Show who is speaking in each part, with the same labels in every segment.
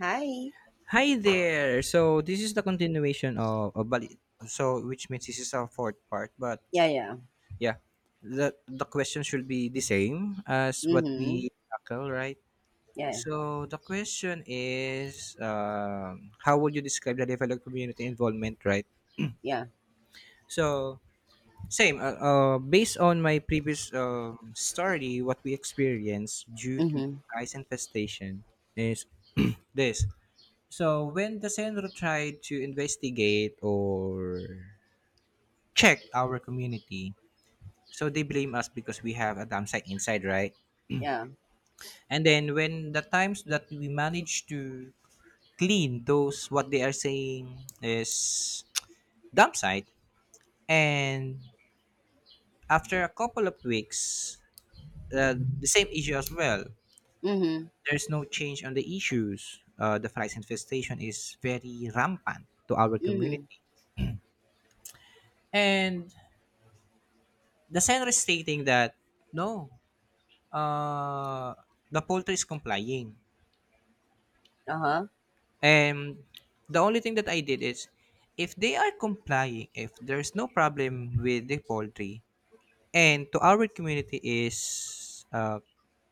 Speaker 1: Hi.
Speaker 2: Hi there. So this is the continuation of Bali. So which means this is our fourth part, but
Speaker 1: Yeah, yeah.
Speaker 2: yeah, the question should be the same as what
Speaker 1: Mm-hmm.
Speaker 2: we tackle, right?
Speaker 1: Yeah.
Speaker 2: So the question is, how would you describe the level of community involvement, right?
Speaker 1: Yeah.
Speaker 2: So same. Based on my previous story, what we experienced due to
Speaker 1: Mm-hmm.
Speaker 2: ice infestation is this. So when the Senro tried to investigate or check our community, so they blame us because we have a dam site inside, right?
Speaker 1: Yeah.
Speaker 2: And then when the times that we managed to clean those, what they are saying is dump site, and after a couple of weeks, the same issue as well.
Speaker 1: Mm-hmm.
Speaker 2: There's no change on the issues. The flies infestation is very rampant to our
Speaker 1: Mm-hmm.
Speaker 2: community, and the sender is stating that no, uh, the poultry is complying.
Speaker 1: Uh-huh.
Speaker 2: And the only thing that I did is if they are complying, if there's no problem with the poultry, and to our community is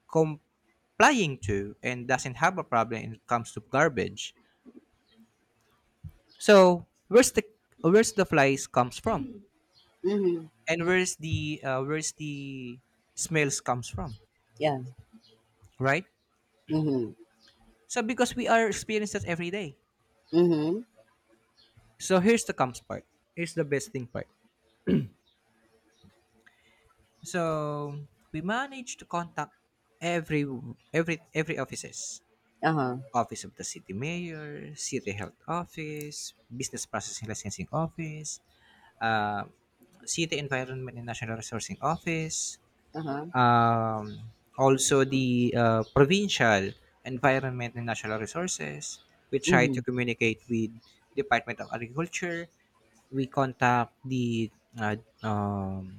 Speaker 2: complying to and doesn't have a problem when it comes to garbage. So where's the flies comes from,
Speaker 1: Mm-hmm.
Speaker 2: and where's the where's the smells comes from,
Speaker 1: Yeah.
Speaker 2: right?
Speaker 1: Mm-hmm.
Speaker 2: So because we are experiencing that every day.
Speaker 1: Mm-hmm.
Speaker 2: So here's the comes part. Here's the best thing part. So we managed to contact every every offices.
Speaker 1: Uh-huh.
Speaker 2: Office of the city mayor, city health office, business processing licensing office, uh, city environment and national resourcing office,
Speaker 1: Uh-huh.
Speaker 2: um, also the provincial environment and natural resources we try to
Speaker 1: Mm-hmm.
Speaker 2: communicate with department of agriculture. We contact the uh, um,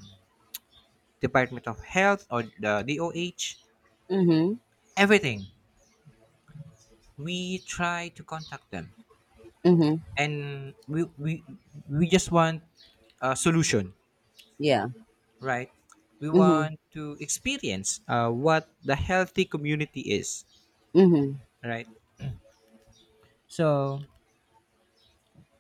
Speaker 2: department of health or the doh.
Speaker 1: Mm-hmm.
Speaker 2: Everything, we try to contact them,
Speaker 1: Mm-hmm.
Speaker 2: and we just want a solution,
Speaker 1: Yeah.
Speaker 2: right? We
Speaker 1: Mm-hmm.
Speaker 2: want to experience what the healthy community is,
Speaker 1: Mm-hmm.
Speaker 2: right? So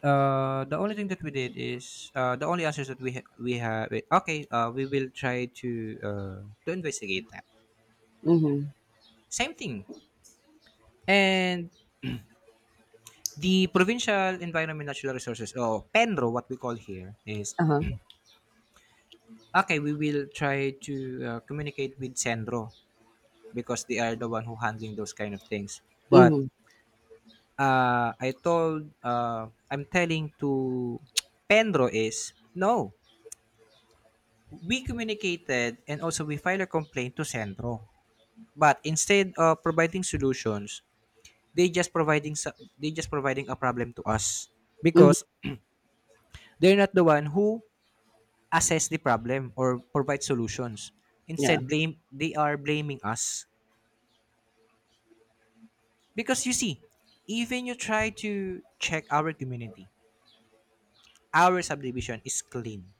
Speaker 2: the only thing that we did is, the only answers that we have, okay, we will try to investigate that.
Speaker 1: Mm-hmm.
Speaker 2: Same thing. And the provincial environment natural resources or penro, what we call here is,
Speaker 1: Uh-huh.
Speaker 2: okay, we will try to communicate with sendro because they are the one who handling those kind of things. But
Speaker 1: Mm-hmm.
Speaker 2: I told, I'm telling to penro is no, we communicated and also we filed a complaint to sendro. But instead of providing solutions, they just providing they just providing a problem to us
Speaker 1: Mm-hmm.
Speaker 2: because they're not the one who assess the problem or provide solutions.
Speaker 1: Yeah.
Speaker 2: Instead, blame they are blaming us. Because you see, even you try to check our community, our subdivision is clean.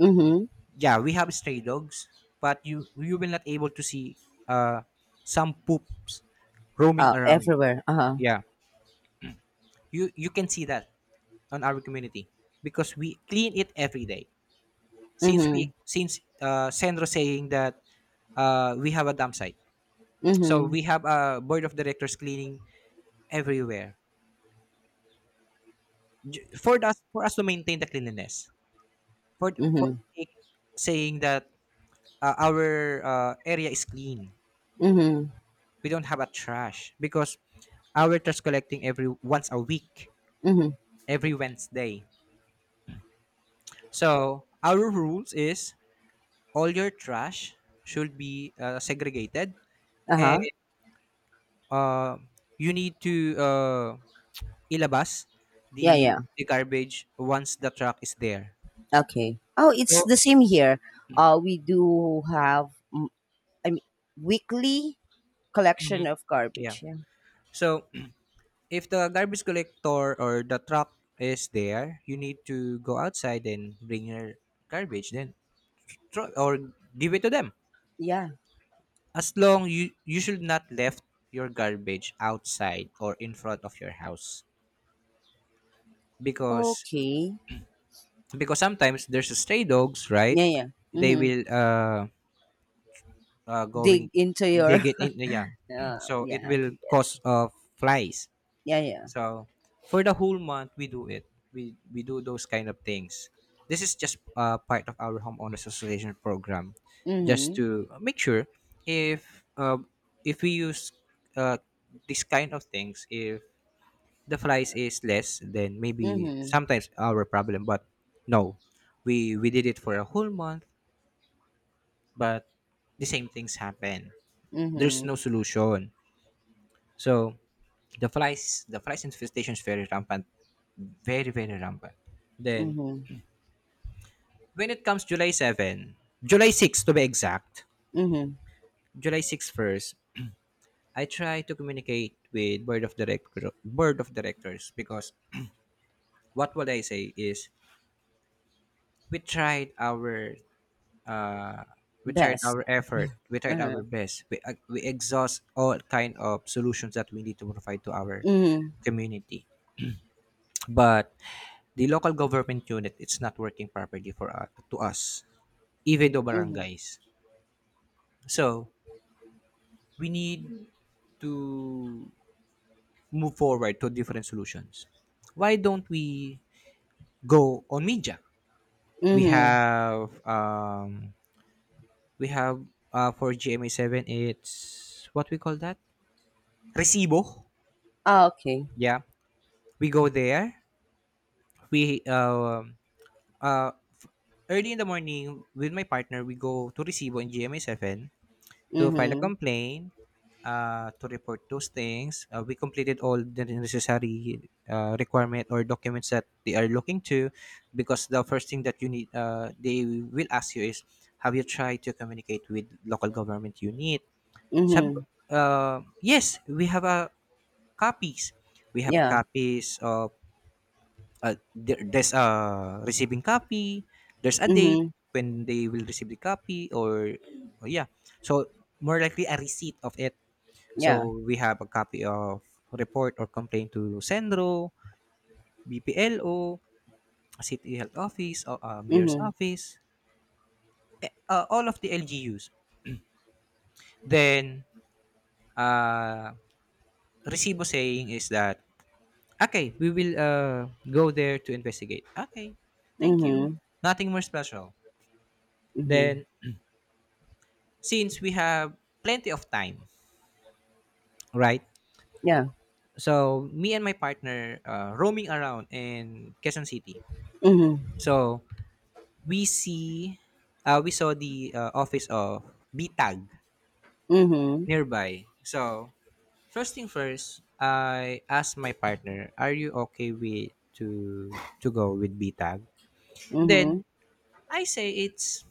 Speaker 1: Mm-hmm.
Speaker 2: Yeah, we have stray dogs, but you will not able to see uh some poops roaming around.
Speaker 1: Everywhere. Uh-huh.
Speaker 2: Yeah, you can see that on our community because we clean it every day, since
Speaker 1: Mm-hmm.
Speaker 2: we since Sandro saying that we have a dump site. So
Speaker 1: Mm-hmm.
Speaker 2: we have a board of directors cleaning everywhere, for us, for us to maintain the cleanliness, for
Speaker 1: Mm-hmm.
Speaker 2: sake, saying that our area is clean.
Speaker 1: Mm-hmm.
Speaker 2: We don't have a trash because our trash collecting every once a week,
Speaker 1: Mm-hmm.
Speaker 2: every Wednesday. So our rules is all your trash should be segregated, and
Speaker 1: Uh-huh.
Speaker 2: uh, you need to ilabas
Speaker 1: Yeah,
Speaker 2: the
Speaker 1: yeah.
Speaker 2: the garbage once the truck is there.
Speaker 1: Okay. Oh, it's the same here. We do have, I mean, weekly collection of
Speaker 2: Yeah.
Speaker 1: garbage. Yeah.
Speaker 2: So if the garbage collector or the truck is there, you need to go outside and bring your garbage, then throw or give it to them.
Speaker 1: Yeah.
Speaker 2: As long you should not left your garbage outside or in front of your house, because
Speaker 1: Okay.
Speaker 2: because sometimes there's stray dogs, right?
Speaker 1: Yeah. Yeah.
Speaker 2: They
Speaker 1: Mm-hmm.
Speaker 2: will going,
Speaker 1: Dig into
Speaker 2: they
Speaker 1: your.
Speaker 2: get in, yeah. So it
Speaker 1: Yeah.
Speaker 2: will cause flies.
Speaker 1: Yeah. Yeah.
Speaker 2: So for the whole month we do it, we do those kind of things. This is just part of our homeowners association program, just
Speaker 1: Mm-hmm.
Speaker 2: to make sure if uh, if we use uh, this kind of things, if the flies is less, then maybe
Speaker 1: Mm-hmm.
Speaker 2: sometimes our problem. But no, we did it for a whole month, but the same things happen. There's
Speaker 1: Mm-hmm.
Speaker 2: no solution. So the flies infestation is very rampant, very very rampant. Then
Speaker 1: Mm-hmm.
Speaker 2: when it comes July 7, July 6 to be exact,
Speaker 1: Mm-hmm.
Speaker 2: July 6 first, I try to communicate with board of directors because what would I say is, we tried our uh, we tried
Speaker 1: Best.
Speaker 2: our effort, we tried our
Speaker 1: Uh-huh.
Speaker 2: best, we exhaust all kind of solutions that we need to provide to our
Speaker 1: Mm-hmm.
Speaker 2: community. But the local government unit, it's not working properly for to us, even though
Speaker 1: Mm-hmm.
Speaker 2: barangays. So we need to move forward to different solutions. Why don't we go on media? We
Speaker 1: Mm-hmm.
Speaker 2: have we have for gma7, it's what we call that, recibo.
Speaker 1: Ah, okay.
Speaker 2: Yeah, we go there, we uh, early in the morning with my partner we go to recibo in gma7 to file a
Speaker 1: Mm-hmm.
Speaker 2: complaint, to report those things. We completed all the necessary requirement or documents that they are looking to, because the first thing that you need, they will ask you is, have you tried to communicate with local government unit? Sabi ko,
Speaker 1: Mm-hmm.
Speaker 2: yes, we have copies. We have
Speaker 1: Yeah.
Speaker 2: copies of, there's a receiving copy, there's a date
Speaker 1: Mm-hmm.
Speaker 2: when they will receive the copy, or yeah. So, more likely a receipt of it,
Speaker 1: Yeah.
Speaker 2: so we have a copy of report or complaint to Sendro, BPLO, City Health Office, or Mayor's
Speaker 1: Mm-hmm.
Speaker 2: Office, all of the LGUs. Then uh, Recibo saying is that, okay, we will go there to investigate. Okay, thank you.
Speaker 1: Mm-hmm.
Speaker 2: Nothing more special.
Speaker 1: Mm-hmm.
Speaker 2: Then since we have plenty of time, right?
Speaker 1: Yeah.
Speaker 2: So me and my partner roaming around in Quezon City.
Speaker 1: Mm-hmm.
Speaker 2: So we see we saw the office of BTAG
Speaker 1: Mm-hmm.
Speaker 2: nearby. So first thing first, I asked my partner, "Are you okay with to go with BTAG?" Then
Speaker 1: Mm-hmm.
Speaker 2: I say it's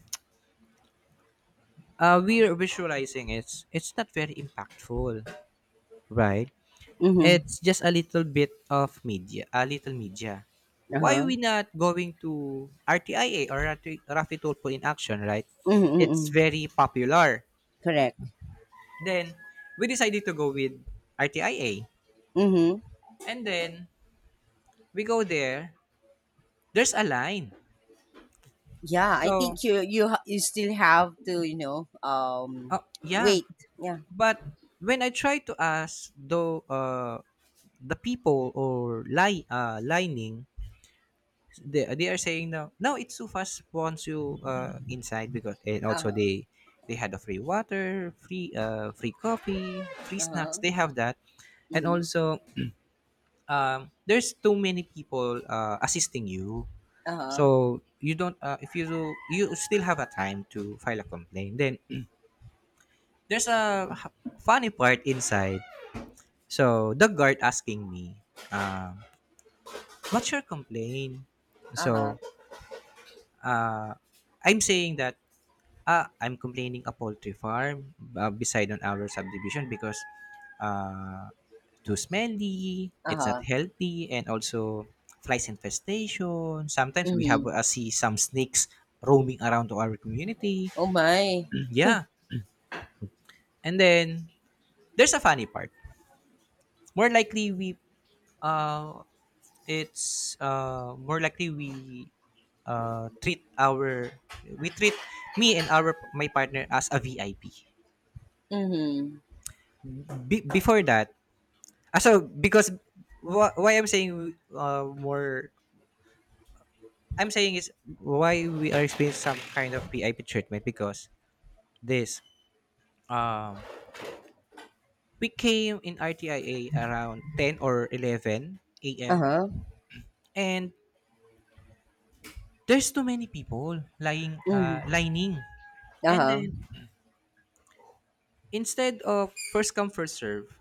Speaker 2: we're visualizing it's not very impactful, right?
Speaker 1: Mm-hmm.
Speaker 2: It's just a little bit of media, a little media. Why
Speaker 1: Uh-huh.
Speaker 2: we not going to RTIA or Rafi Tulpo in action, right?
Speaker 1: Mm-hmm.
Speaker 2: It's
Speaker 1: Mm-hmm.
Speaker 2: very popular.
Speaker 1: Correct.
Speaker 2: Then we decided to go with RTIA.
Speaker 1: Mm-hmm.
Speaker 2: And then we go there, there's a line.
Speaker 1: Yeah, I
Speaker 2: So,
Speaker 1: think you still have to
Speaker 2: oh, yeah.
Speaker 1: wait. Yeah.
Speaker 2: But when I try to ask though the people or lie lining, they are saying no no it's too fast once you inside, because and
Speaker 1: Uh
Speaker 2: also
Speaker 1: huh.
Speaker 2: they had a free water, free coffee, free
Speaker 1: Uh
Speaker 2: snacks,
Speaker 1: huh.
Speaker 2: they have that. And
Speaker 1: Mhm.
Speaker 2: also there's too many people assisting you.
Speaker 1: Uh huh.
Speaker 2: So you don't if you do, you still have a time to file a complaint. Then there's a funny part inside. So the guard asking me, uh, "What's your complaint?"
Speaker 1: Uh huh.
Speaker 2: So uh, I'm saying that, ah, I'm complaining a poultry farm beside on our subdivision because uh, too smelly,
Speaker 1: Uh
Speaker 2: it's not
Speaker 1: huh.
Speaker 2: healthy, and also flies infestation. Sometimes we have
Speaker 1: Mhm.
Speaker 2: see some snakes roaming around to our community.
Speaker 1: Oh my.
Speaker 2: Yeah. And then there's a funny part. More likely we uh it's more likely uh treat our we treat me and our my partner as a VIP.
Speaker 1: Mhm.
Speaker 2: Before that, so because why I'm saying is, why we are experiencing some kind of VIP treatment because this um we came in RTIA around 10 or 11
Speaker 1: Uh
Speaker 2: a.m.
Speaker 1: huh.
Speaker 2: and there's too many people lying
Speaker 1: Mhm.
Speaker 2: lining.
Speaker 1: Uh
Speaker 2: And then
Speaker 1: huh.
Speaker 2: instead of first come first serve,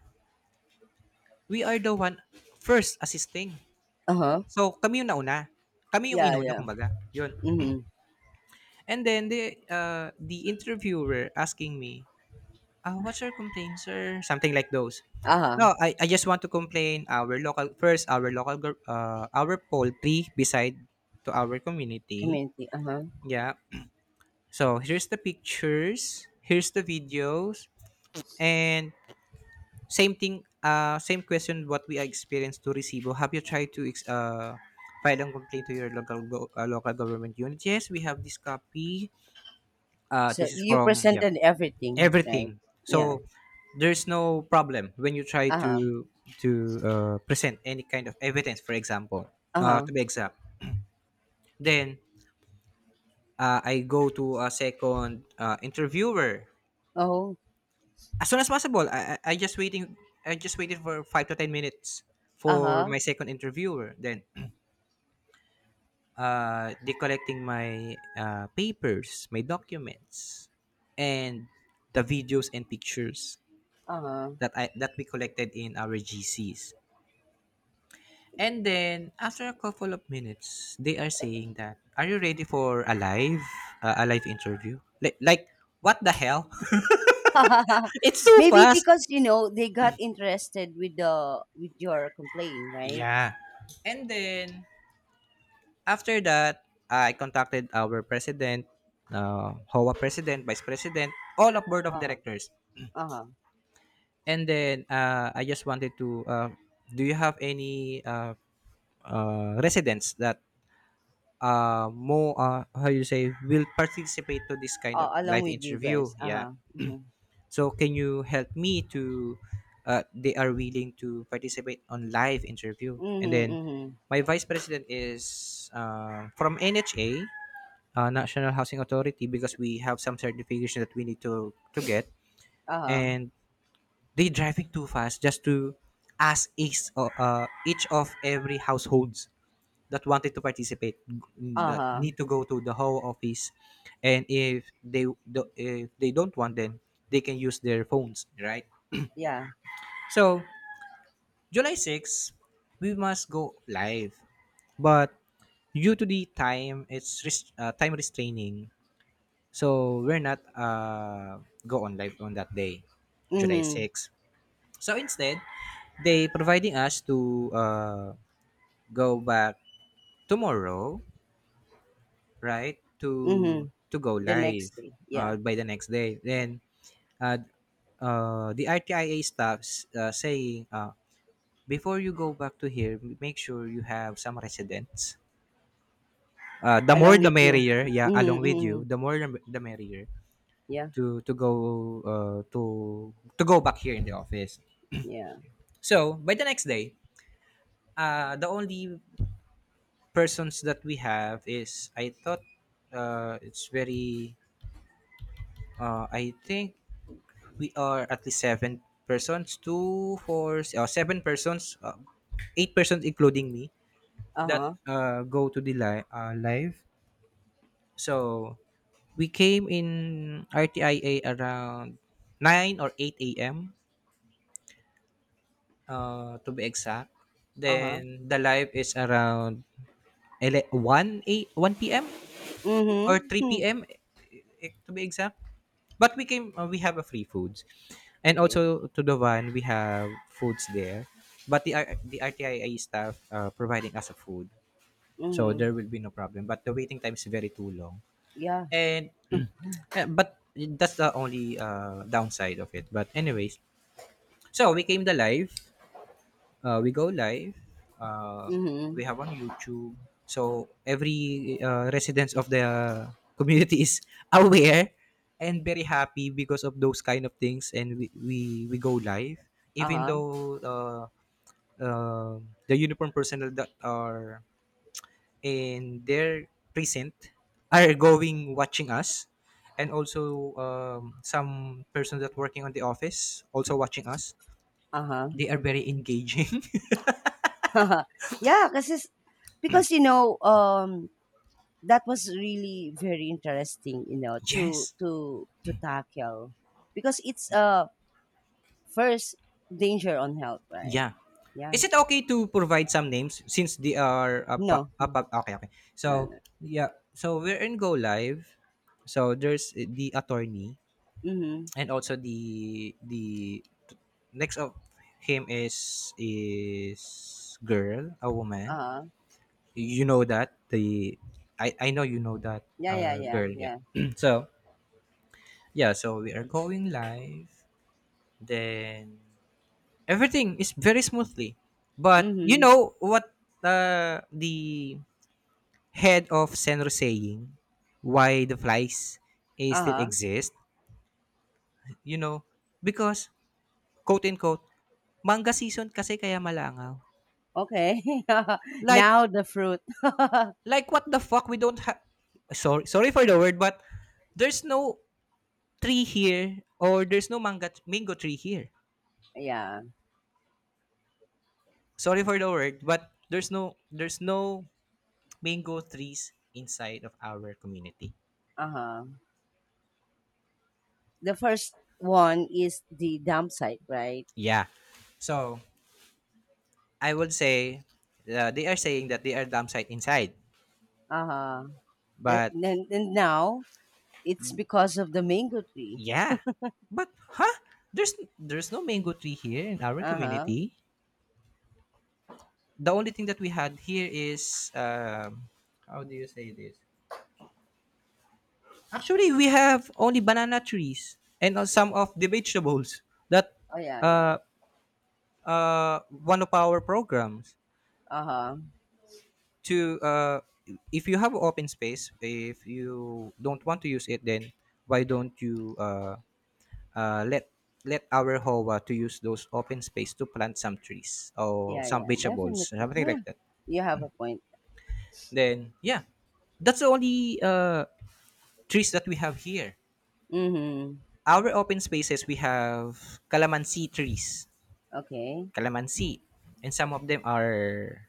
Speaker 2: we are the one first assisting.
Speaker 1: Uh huh.
Speaker 2: So kami yung nauna, kami yung
Speaker 1: Yeah.
Speaker 2: inuna
Speaker 1: Yeah.
Speaker 2: kumbaga yun.
Speaker 1: Mhm.
Speaker 2: And then the interviewer asking me, ah, what's your complaint sir, something like those.
Speaker 1: Uh huh.
Speaker 2: No, I just want to complain our local first, our local our poultry beside to our community.
Speaker 1: Community. Uh huh.
Speaker 2: Yeah. So here's the pictures, here's the videos. And same thing, same question what we experienced to Resibo. Have you tried to file a complaint to your local local government unit? Yes, we have this copy.
Speaker 1: So
Speaker 2: This is
Speaker 1: you
Speaker 2: from, yeah,
Speaker 1: presented everything, right?
Speaker 2: everything.
Speaker 1: Yeah.
Speaker 2: So there's no problem when you try
Speaker 1: Uh huh.
Speaker 2: to present any kind of evidence. For example,
Speaker 1: Uh huh.
Speaker 2: to be exact, then I go to a second interviewer
Speaker 1: Oh.
Speaker 2: as soon as possible. I just waiting. I just waited for 5 to 10 minutes
Speaker 1: Uh
Speaker 2: for
Speaker 1: huh.
Speaker 2: my second interviewer. Then, they collecting my papers, my documents, and the videos and pictures
Speaker 1: Uh huh.
Speaker 2: that I that we collected in our GCs. And then after a couple of minutes, they are saying that, "Are you ready for a live interview?" Like, what the hell? It's so
Speaker 1: Maybe
Speaker 2: fast.
Speaker 1: because they got interested with the with your complaint, right?
Speaker 2: Yeah. And then after that, I contacted our president, HOA president, vice president, all of board of
Speaker 1: Uh huh.
Speaker 2: directors.
Speaker 1: Uh huh.
Speaker 2: And then I just wanted to, do you have any residents that more, how you say, will participate to this kind of
Speaker 1: Along
Speaker 2: live
Speaker 1: with you
Speaker 2: interview?
Speaker 1: guys. Uh
Speaker 2: Yeah.
Speaker 1: huh. Mhm.
Speaker 2: So can you help me to, they are willing to participate on live interview. And
Speaker 1: Mhm.
Speaker 2: then
Speaker 1: Mhm.
Speaker 2: my vice president is from NHA, National Housing Authority, because we have some certification that we need to get,
Speaker 1: Uh huh.
Speaker 2: and they driving too fast just to ask each of every households that wanted to participate,
Speaker 1: Uh
Speaker 2: that need
Speaker 1: huh.
Speaker 2: to go to the whole office. And if if they don't want, then they can use their phones, right?
Speaker 1: Yeah.
Speaker 2: So July 6, we must go live, but due to the time, time restraining. So we're not go on live on that day, July
Speaker 1: Mhm.
Speaker 2: 6. So instead, they providing us to go back tomorrow, right?
Speaker 1: Mhm.
Speaker 2: To go
Speaker 1: The next
Speaker 2: live
Speaker 1: day. Yeah.
Speaker 2: by the next day. Then uh, the RTIA staffs saying, before you go back to here, make sure you have some residents. The more
Speaker 1: Along
Speaker 2: the
Speaker 1: with you.
Speaker 2: merrier. Yeah,
Speaker 1: Mhm.
Speaker 2: along with you,
Speaker 1: Mhm.
Speaker 2: the more the merrier
Speaker 1: Yeah.
Speaker 2: to to go uh, to to go back here in the office.
Speaker 1: Yeah.
Speaker 2: So by the next day, the only persons that we have is I thought it's very I think we are at least seven persons, two, four, seven persons, eight persons including me
Speaker 1: Uh
Speaker 2: that
Speaker 1: huh.
Speaker 2: go to live. So we came in RTIA around nine or eight a.m. To be exact.
Speaker 1: Uh huh.
Speaker 2: Then the live is around 1 a 1 p.m.
Speaker 1: Mhm.
Speaker 2: or
Speaker 1: Hmm.
Speaker 2: 3 p.m., to be exact. But we have a free foods. And
Speaker 1: Okay.
Speaker 2: also to the van we have foods there. But the RTIA staff providing us a food. So
Speaker 1: Mhm.
Speaker 2: there will be no problem, but the waiting time is very too long.
Speaker 1: Yeah.
Speaker 2: And but that's the only downside of it. But anyways, so we go live, uh, we
Speaker 1: Mhm.
Speaker 2: have on youtube, so every residents of the community is aware and very happy because of those kind of things. And we go live
Speaker 1: Uh
Speaker 2: even
Speaker 1: huh.
Speaker 2: though uh, the uniform personnel that are in their precinct are going watching us, and also some persons that working on the office also watching us.
Speaker 1: Uh huh.
Speaker 2: They are very engaging.
Speaker 1: yeah. Because that was really very interesting to
Speaker 2: Yes.
Speaker 1: tackle because it's first, danger on health, right?
Speaker 2: Yeah.
Speaker 1: Yeah.
Speaker 2: Is it okay to provide some names since they are a
Speaker 1: No, no.
Speaker 2: okay, okay.
Speaker 1: No, no.
Speaker 2: So, yeah. So, we're in Go Live. So, there's the attorney,
Speaker 1: Mm-hmm.
Speaker 2: and also the next of him is girl, a woman.
Speaker 1: Uh-huh.
Speaker 2: You know that the I know you know that
Speaker 1: Yeah, yeah,
Speaker 2: our
Speaker 1: yeah,
Speaker 2: girl, yeah.
Speaker 1: yeah.
Speaker 2: So, yeah, so we are going live. Then everything is very smoothly. But you
Speaker 1: Mm-hmm.
Speaker 2: know what, the head of Senro saying, why the flies, still
Speaker 1: Uh-huh.
Speaker 2: exist? You know, because, quote unquote, manga season kasi kaya malangaw.
Speaker 1: Okay.
Speaker 2: Like
Speaker 1: Now the fruit.
Speaker 2: like what the fuck, we don't have, sorry, sorry for the word, but there's no tree here, or there's no manga mango tree here.
Speaker 1: Yeah.
Speaker 2: Sorry for the word, but there's no mango trees inside of our community.
Speaker 1: Uh-huh. The first one is the dump site, right?
Speaker 2: Yeah. So I would say they are saying that they are dumb site inside,
Speaker 1: Uh-huh. the,
Speaker 2: but
Speaker 1: and, and now it's because of the mango tree.
Speaker 2: yeah, but huh? There's no mango tree here in our
Speaker 1: Uh-huh.
Speaker 2: community. The only thing that we had here is how do you say this? Actually, we have only banana trees and, some of the vegetables that
Speaker 1: Oh, yeah, yeah.
Speaker 2: uh, one of our programs.
Speaker 1: Uh-huh.
Speaker 2: To if you have open space, if you don't want to use it, then why don't you let our hova to use those open space to plant some trees or
Speaker 1: Yeah,
Speaker 2: some
Speaker 1: yeah, definitely.
Speaker 2: vegetables or something
Speaker 1: Yeah,
Speaker 2: like that.
Speaker 1: you have a point.
Speaker 2: Then yeah, that's the only trees that we have here.
Speaker 1: Mm-hmm.
Speaker 2: Our open spaces, we have calamansi trees,
Speaker 1: Okay.
Speaker 2: calamansi, and some of them are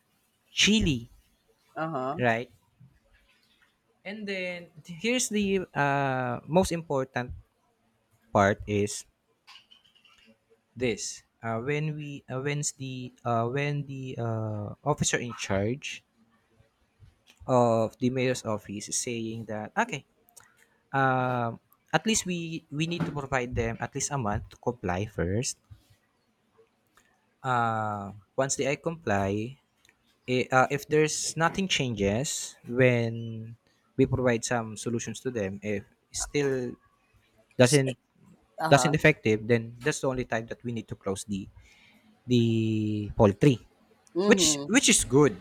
Speaker 2: chili,
Speaker 1: Uh-huh.
Speaker 2: right? And then here's the most important part is this. When the officer in charge of the mayor's office is saying that, okay, um, at least we need to provide them at least a month to comply first. Once they comply, if there's nothing changes, when we provide some solutions to them, if still
Speaker 1: S- eh,
Speaker 2: doesn't doesn't
Speaker 1: Uh-huh.
Speaker 2: effective, then that's the only time that we need to close the poultry, which
Speaker 1: Mm-hmm.
Speaker 2: which is good,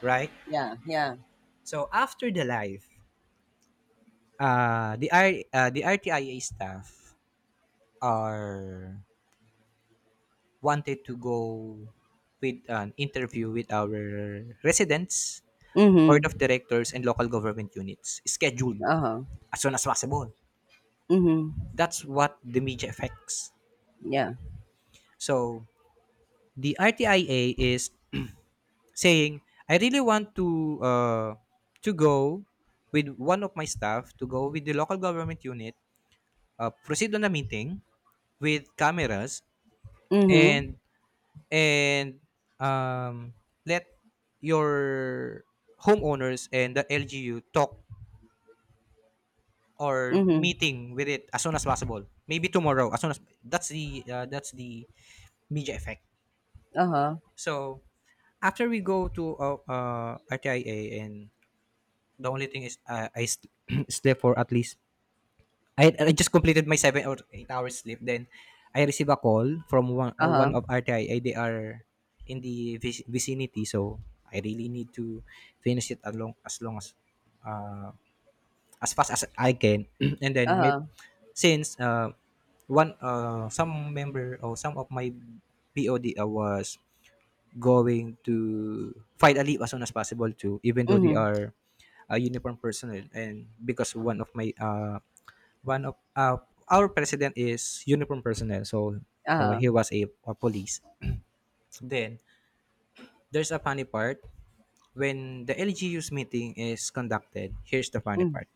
Speaker 2: right?
Speaker 1: Yeah, yeah.
Speaker 2: So after the live, uh, the R, the RTIA staff are wanted to go with an interview with our residents, board of
Speaker 1: Mm-hmm.
Speaker 2: directors, and local government units scheduled
Speaker 1: Uh-huh.
Speaker 2: as soon as possible.
Speaker 1: Mm-hmm.
Speaker 2: That's what the media affects.
Speaker 1: Yeah.
Speaker 2: So the RTIA is saying, I really want to go with one of my staff to go with the local government unit, proceed on the meeting with cameras,
Speaker 1: Mm-hmm.
Speaker 2: and and um, let your homeowners and the LGU talk or
Speaker 1: Mm-hmm.
Speaker 2: meeting with it as soon as possible. Maybe tomorrow, as soon as that's the media effect.
Speaker 1: Uh-huh.
Speaker 2: So after we go to RTIA, and the only thing is, slept for at least, I just completed my 7 or 8 hours sleep. Then I receive a call from one
Speaker 1: Uh-huh.
Speaker 2: of RTI. They are in the vicinity, so I really need to finish it along as long uh, as fast as I can. And then maybe
Speaker 1: Uh-huh.
Speaker 2: since one some member or some of my BOD was going to fight a leave as soon as possible too, even though they
Speaker 1: Mm-hmm.
Speaker 2: are a uniform personnel. And because one of one of uh, our president is uniform personnel, so
Speaker 1: Uh-huh.
Speaker 2: he was a police. Then there's a funny part when the LGU's meeting is conducted. Here's the funny
Speaker 1: Mm.
Speaker 2: part.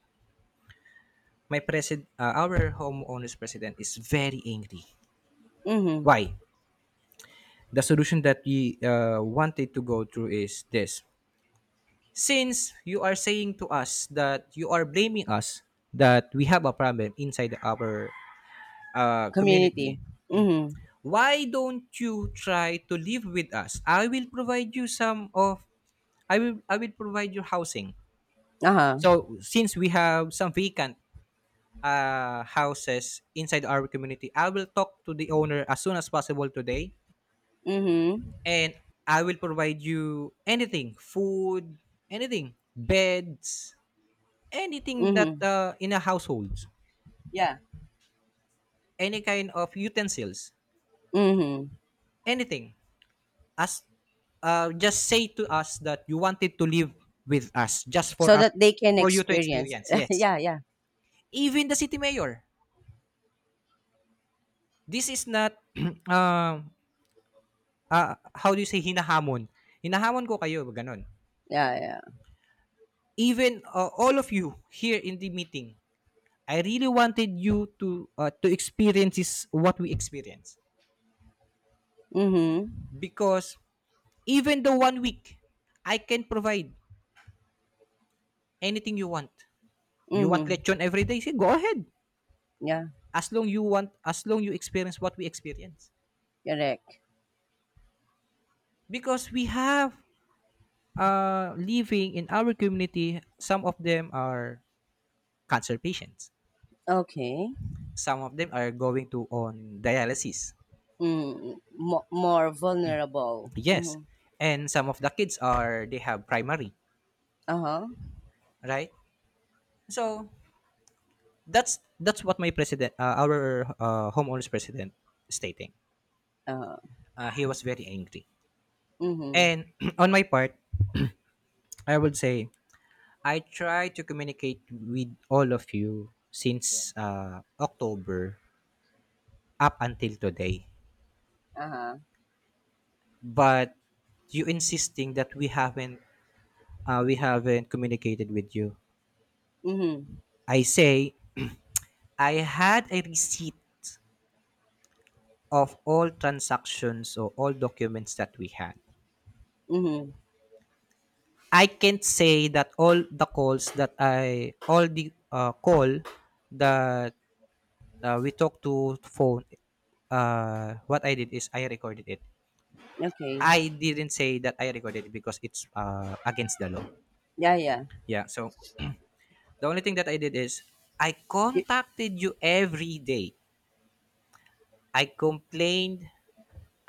Speaker 2: My president, our homeowners president, is very angry.
Speaker 1: Mm-hmm.
Speaker 2: Why? The solution that we wanted to go through is this. Since you are saying to us that you are blaming us that we have a problem inside our
Speaker 1: Community.
Speaker 2: community,
Speaker 1: Mm-hmm.
Speaker 2: why don't you try to live with us? I will, I will provide you housing.
Speaker 1: Uh-huh.
Speaker 2: So since we have some vacant houses inside our community, I will talk to the owner as soon as possible today,
Speaker 1: Mm-hmm.
Speaker 2: and I will provide you anything, food, anything, beds, anything that,
Speaker 1: Mm-hmm.
Speaker 2: in a household,
Speaker 1: Yeah.
Speaker 2: any kind of utensils,
Speaker 1: Mm-hmm.
Speaker 2: anything. As Just say to us that you wanted to live with us, just for
Speaker 1: So
Speaker 2: us,
Speaker 1: that they can
Speaker 2: for you to
Speaker 1: experience.
Speaker 2: experience. Yes.
Speaker 1: Yeah, yeah.
Speaker 2: Even the city mayor. This is not um how do you say, hinahamon. Hinahamon ko kayo ganun.
Speaker 1: Yeah, yeah.
Speaker 2: Even, all of you here in the meeting, I really wanted you to experience is what we experience.
Speaker 1: Mm-hmm.
Speaker 2: Because even the one week, I can provide anything you want. You want
Speaker 1: Mm-hmm.
Speaker 2: lechon every day? Say, go ahead.
Speaker 1: Yeah.
Speaker 2: As long you want, as long you experience what we experience.
Speaker 1: Correct.
Speaker 2: Because we have, living in our community, some of them are cancer patients,
Speaker 1: Okay.
Speaker 2: some of them are going to on dialysis,
Speaker 1: Mo- more vulnerable.
Speaker 2: yes,
Speaker 1: Mhm.
Speaker 2: and some of the kids are, they have primary,
Speaker 1: Uh-huh.
Speaker 2: right? So that's what my president, our homeowners president, stating.
Speaker 1: Uh-huh.
Speaker 2: He was very angry.
Speaker 1: Mhm.
Speaker 2: And on my part, I would say, I try to communicate with all of you since October up until today.
Speaker 1: Uh-huh.
Speaker 2: But you insisting that we haven't communicated with you.
Speaker 1: Mhm.
Speaker 2: I say, I had a receipt of all transactions or all documents that we had.
Speaker 1: Mhm.
Speaker 2: I can't say that all the calls that I, all the call that we talked to phone, what I did is I recorded it.
Speaker 1: Okay.
Speaker 2: I didn't say that I recorded it because it's against the law.
Speaker 1: Yeah, yeah.
Speaker 2: Yeah. So the only thing that I did is I
Speaker 1: Y-
Speaker 2: contacted you every day. I complained.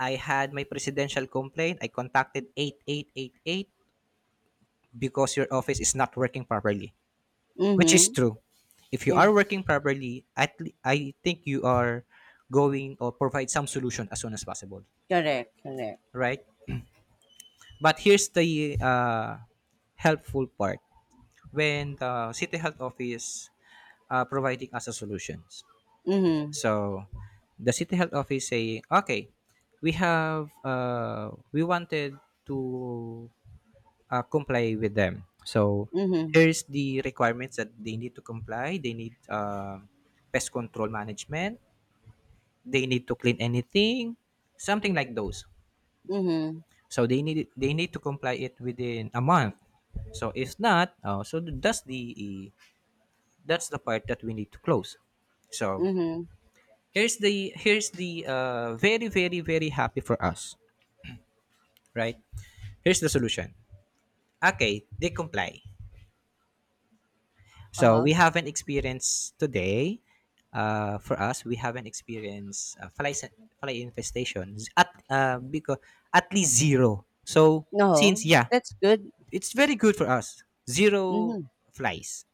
Speaker 2: I had my presidential complaint. I contacted 8888 because your office is not working properly, which is
Speaker 1: Mhm.
Speaker 2: true. If you
Speaker 1: Yeah.
Speaker 2: are working properly, I think you are going or provide some solution as soon as possible,
Speaker 1: Correct. Correct.
Speaker 2: right? But here's the helpful part, when the city health office providing us a solutions.
Speaker 1: Mhm.
Speaker 2: So the city health office saying, okay, we have we wanted to comply with them. So
Speaker 1: Mhm.
Speaker 2: here's the requirements that they need to comply. They need pest control management. They need to clean anything, something like those.
Speaker 1: Mhm.
Speaker 2: So they need to comply it within a month. So if not, so does the that's the part that we need to close. So
Speaker 1: Mhm.
Speaker 2: here's the very happy for us, right? Here's the solution. Okay, they comply. So
Speaker 1: Uh-huh.
Speaker 2: we have an experience today. For us, we have an experience, fly infestation, at because at least zero, so
Speaker 1: No.
Speaker 2: since, yeah,
Speaker 1: That's good.
Speaker 2: it's very good for us. Zero
Speaker 1: Mhm.
Speaker 2: flies.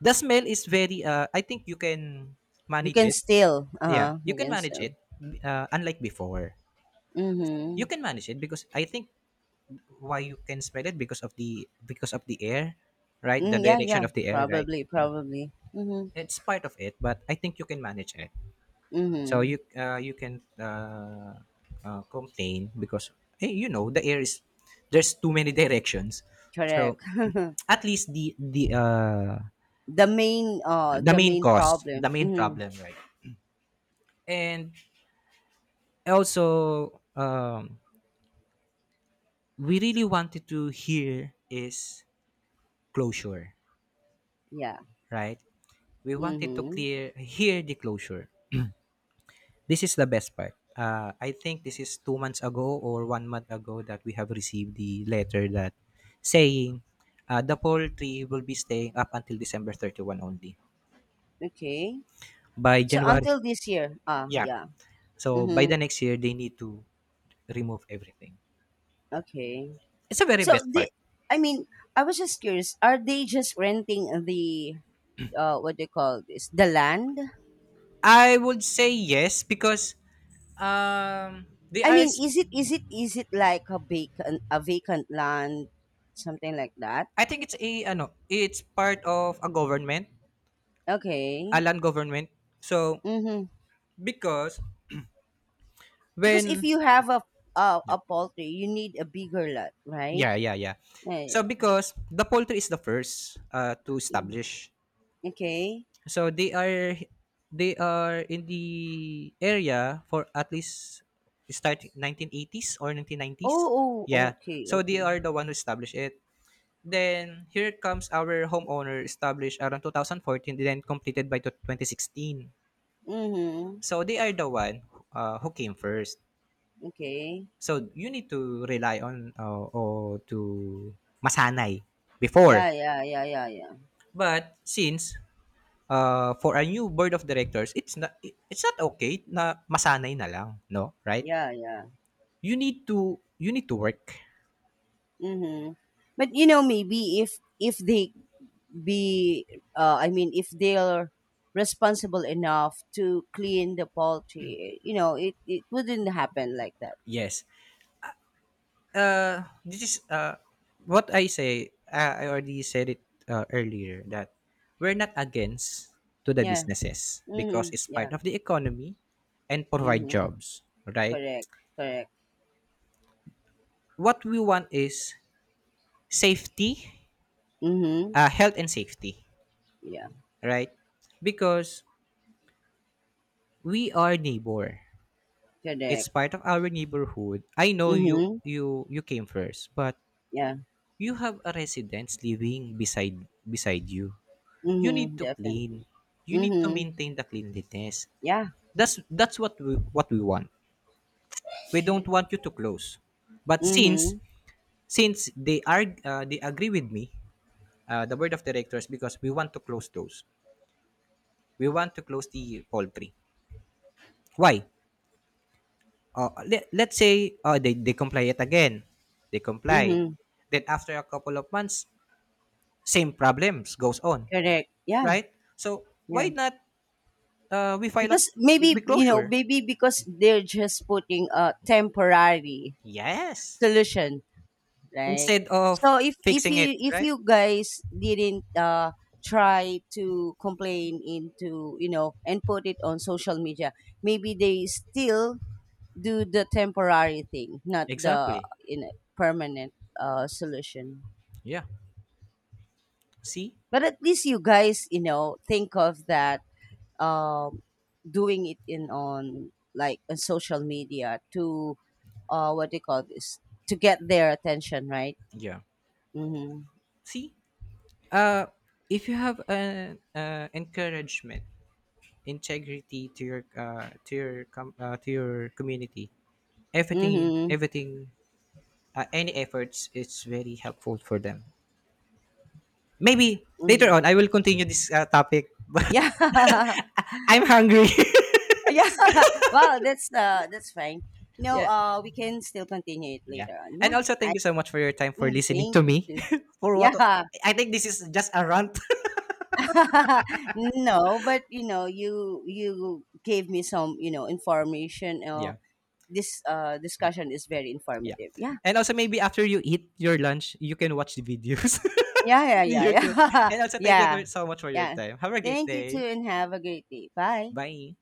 Speaker 2: The smell is very I think you can
Speaker 1: You
Speaker 2: manage
Speaker 1: can
Speaker 2: it.
Speaker 1: still.
Speaker 2: Yeah,
Speaker 1: Uh-huh.
Speaker 2: you
Speaker 1: You
Speaker 2: can
Speaker 1: can
Speaker 2: manage
Speaker 1: still.
Speaker 2: it. Unlike before, you
Speaker 1: Mhm.
Speaker 2: can manage it because I think why you can smell it, because of the air, right? The
Speaker 1: Yeah,
Speaker 2: direction
Speaker 1: yeah.
Speaker 2: of the air, right?
Speaker 1: Probably, probably. Mhm.
Speaker 2: It's part of it, but I think you can manage it. So
Speaker 1: Mhm.
Speaker 2: you can complain because, you know, the air is there's too many directions.
Speaker 1: Correct.
Speaker 2: So at least the
Speaker 1: The main the main problem.
Speaker 2: the main
Speaker 1: Mhm.
Speaker 2: problem, right? And also we really wanted to hear is closure,
Speaker 1: Yeah.
Speaker 2: right? We wanted to
Speaker 1: Mhm.
Speaker 2: clear hear the closure. This is the best part. I think this is 2 months ago or one month ago that we have received the letter that saying the poultry will be staying up until December 31 only.
Speaker 1: Okay.
Speaker 2: By
Speaker 1: So
Speaker 2: January,
Speaker 1: until this year. Ah,
Speaker 2: yeah.
Speaker 1: yeah.
Speaker 2: So by the
Speaker 1: Mhm.
Speaker 2: next year, they need to remove everything.
Speaker 1: Okay.
Speaker 2: It's a very
Speaker 1: So
Speaker 2: best
Speaker 1: the,
Speaker 2: part.
Speaker 1: I mean, I was just curious, are they just renting the what do you call this? The land?
Speaker 2: I would say yes because they
Speaker 1: I
Speaker 2: are
Speaker 1: mean, is it like a vacant, a vacant land, something like that?
Speaker 2: I think it's a ano, it's part of a government, a
Speaker 1: Okay.
Speaker 2: land government. So,
Speaker 1: Mhm.
Speaker 2: because
Speaker 1: Because if
Speaker 2: when,
Speaker 1: you have a
Speaker 2: yeah,
Speaker 1: poultry, you need a bigger lot, right?
Speaker 2: yeah, yeah, yeah.
Speaker 1: Yeah,
Speaker 2: So
Speaker 1: yeah.
Speaker 2: because the poultry is the first to
Speaker 1: Mm.
Speaker 2: establish.
Speaker 1: Okay.
Speaker 2: So they are in the area for at least start 1980s or 1990s.
Speaker 1: Oh,
Speaker 2: Yeah.
Speaker 1: oh, okay,
Speaker 2: So they
Speaker 1: okay.
Speaker 2: are the one who established it. Then here comes our homeowner established around 2014, then completed by 2016.
Speaker 1: Mhm.
Speaker 2: So they are the one, who came first.
Speaker 1: Okay.
Speaker 2: So you need to rely on or to masanay before.
Speaker 1: Yeah, yeah, yeah, yeah, yeah.
Speaker 2: But since, for a new board of directors, it's not okay na masanay na lang, no? Right?
Speaker 1: Yeah, yeah.
Speaker 2: You need to work.
Speaker 1: Mm-hmm. But you know, maybe if they be if they're responsible enough to clean the poultry, you know, it wouldn't happen like that.
Speaker 2: Yes. This is what I say. I already said it earlier that we're not against to the
Speaker 1: Yeah.
Speaker 2: businesses because
Speaker 1: Mm-hmm.
Speaker 2: it's part
Speaker 1: Yeah.
Speaker 2: of the economy and provide
Speaker 1: Mm-hmm.
Speaker 2: jobs, right?
Speaker 1: Correct. Correct.
Speaker 2: What we want is safety,
Speaker 1: Mm-hmm.
Speaker 2: health and safety,
Speaker 1: Yeah.
Speaker 2: right? Because we are neighbor. It's
Speaker 1: Correct.
Speaker 2: part of our neighborhood. I know you
Speaker 1: Mm-hmm.
Speaker 2: you you came first, but
Speaker 1: Yeah.
Speaker 2: you have a residence living beside you. You need
Speaker 1: Mm-hmm.
Speaker 2: to clean.
Speaker 1: Definitely.
Speaker 2: You need to
Speaker 1: Mm-hmm.
Speaker 2: maintain the cleanliness.
Speaker 1: Yeah.
Speaker 2: That's what we want. We don't want you to close. But since
Speaker 1: Mm-hmm.
Speaker 2: since they are they agree with me, the board of directors, because we want to close those. We want to close the poultry. Why? Let's say they comply yet again. They comply.
Speaker 1: Mm-hmm.
Speaker 2: Then after a couple of months, same problems goes on,
Speaker 1: Correct. Yeah.
Speaker 2: right? So why
Speaker 1: Yeah.
Speaker 2: not, we file a
Speaker 1: Because
Speaker 2: we
Speaker 1: maybe you know,
Speaker 2: closure?
Speaker 1: maybe because they're just putting a temporary
Speaker 2: Yes.
Speaker 1: solution, right?
Speaker 2: Instead of
Speaker 1: So if
Speaker 2: fixing it,
Speaker 1: you, if
Speaker 2: right?
Speaker 1: you guys didn't try to complain into you know, and put it on social media, maybe they still do the temporary thing, not the,
Speaker 2: Exactly.
Speaker 1: you know, permanent solution,
Speaker 2: Yeah. See,
Speaker 1: but at least you guys, you know, think of that, um, doing it in, on like on social media to, what do you call this, to get their attention, right?
Speaker 2: yeah,
Speaker 1: Mm-hmm.
Speaker 2: see, uh, if you have an encouragement, integrity to your to your community, everything,
Speaker 1: Mm-hmm.
Speaker 2: everything, any efforts is very helpful for them. Maybe later
Speaker 1: Mm-hmm.
Speaker 2: on, I will continue this topic, but
Speaker 1: Yeah.
Speaker 2: I'm hungry.
Speaker 1: Yeah. Well, that's fine. You know,
Speaker 2: Yeah,
Speaker 1: we can still continue it
Speaker 2: yeah.
Speaker 1: later on.
Speaker 2: And
Speaker 1: Yeah.
Speaker 2: also thank
Speaker 1: I
Speaker 2: you so much for your time for listening
Speaker 1: Thank
Speaker 2: to
Speaker 1: you
Speaker 2: me.
Speaker 1: too.
Speaker 2: For what
Speaker 1: Yeah.
Speaker 2: I think this is just a rant.
Speaker 1: No, but you know, you gave me some, you know, information.
Speaker 2: Yeah,
Speaker 1: This discussion is very
Speaker 2: yeah.
Speaker 1: informative. Yeah.
Speaker 2: And also maybe after you eat your lunch, you can watch the videos
Speaker 1: Yeah, yeah,
Speaker 2: in
Speaker 1: yeah,
Speaker 2: YouTube.
Speaker 1: yeah.
Speaker 2: And also thank you
Speaker 1: Yeah,
Speaker 2: for so much for your
Speaker 1: yeah.
Speaker 2: time. Have a great
Speaker 1: Thank you too,
Speaker 2: day.
Speaker 1: and have a great day. Bye.
Speaker 2: Bye.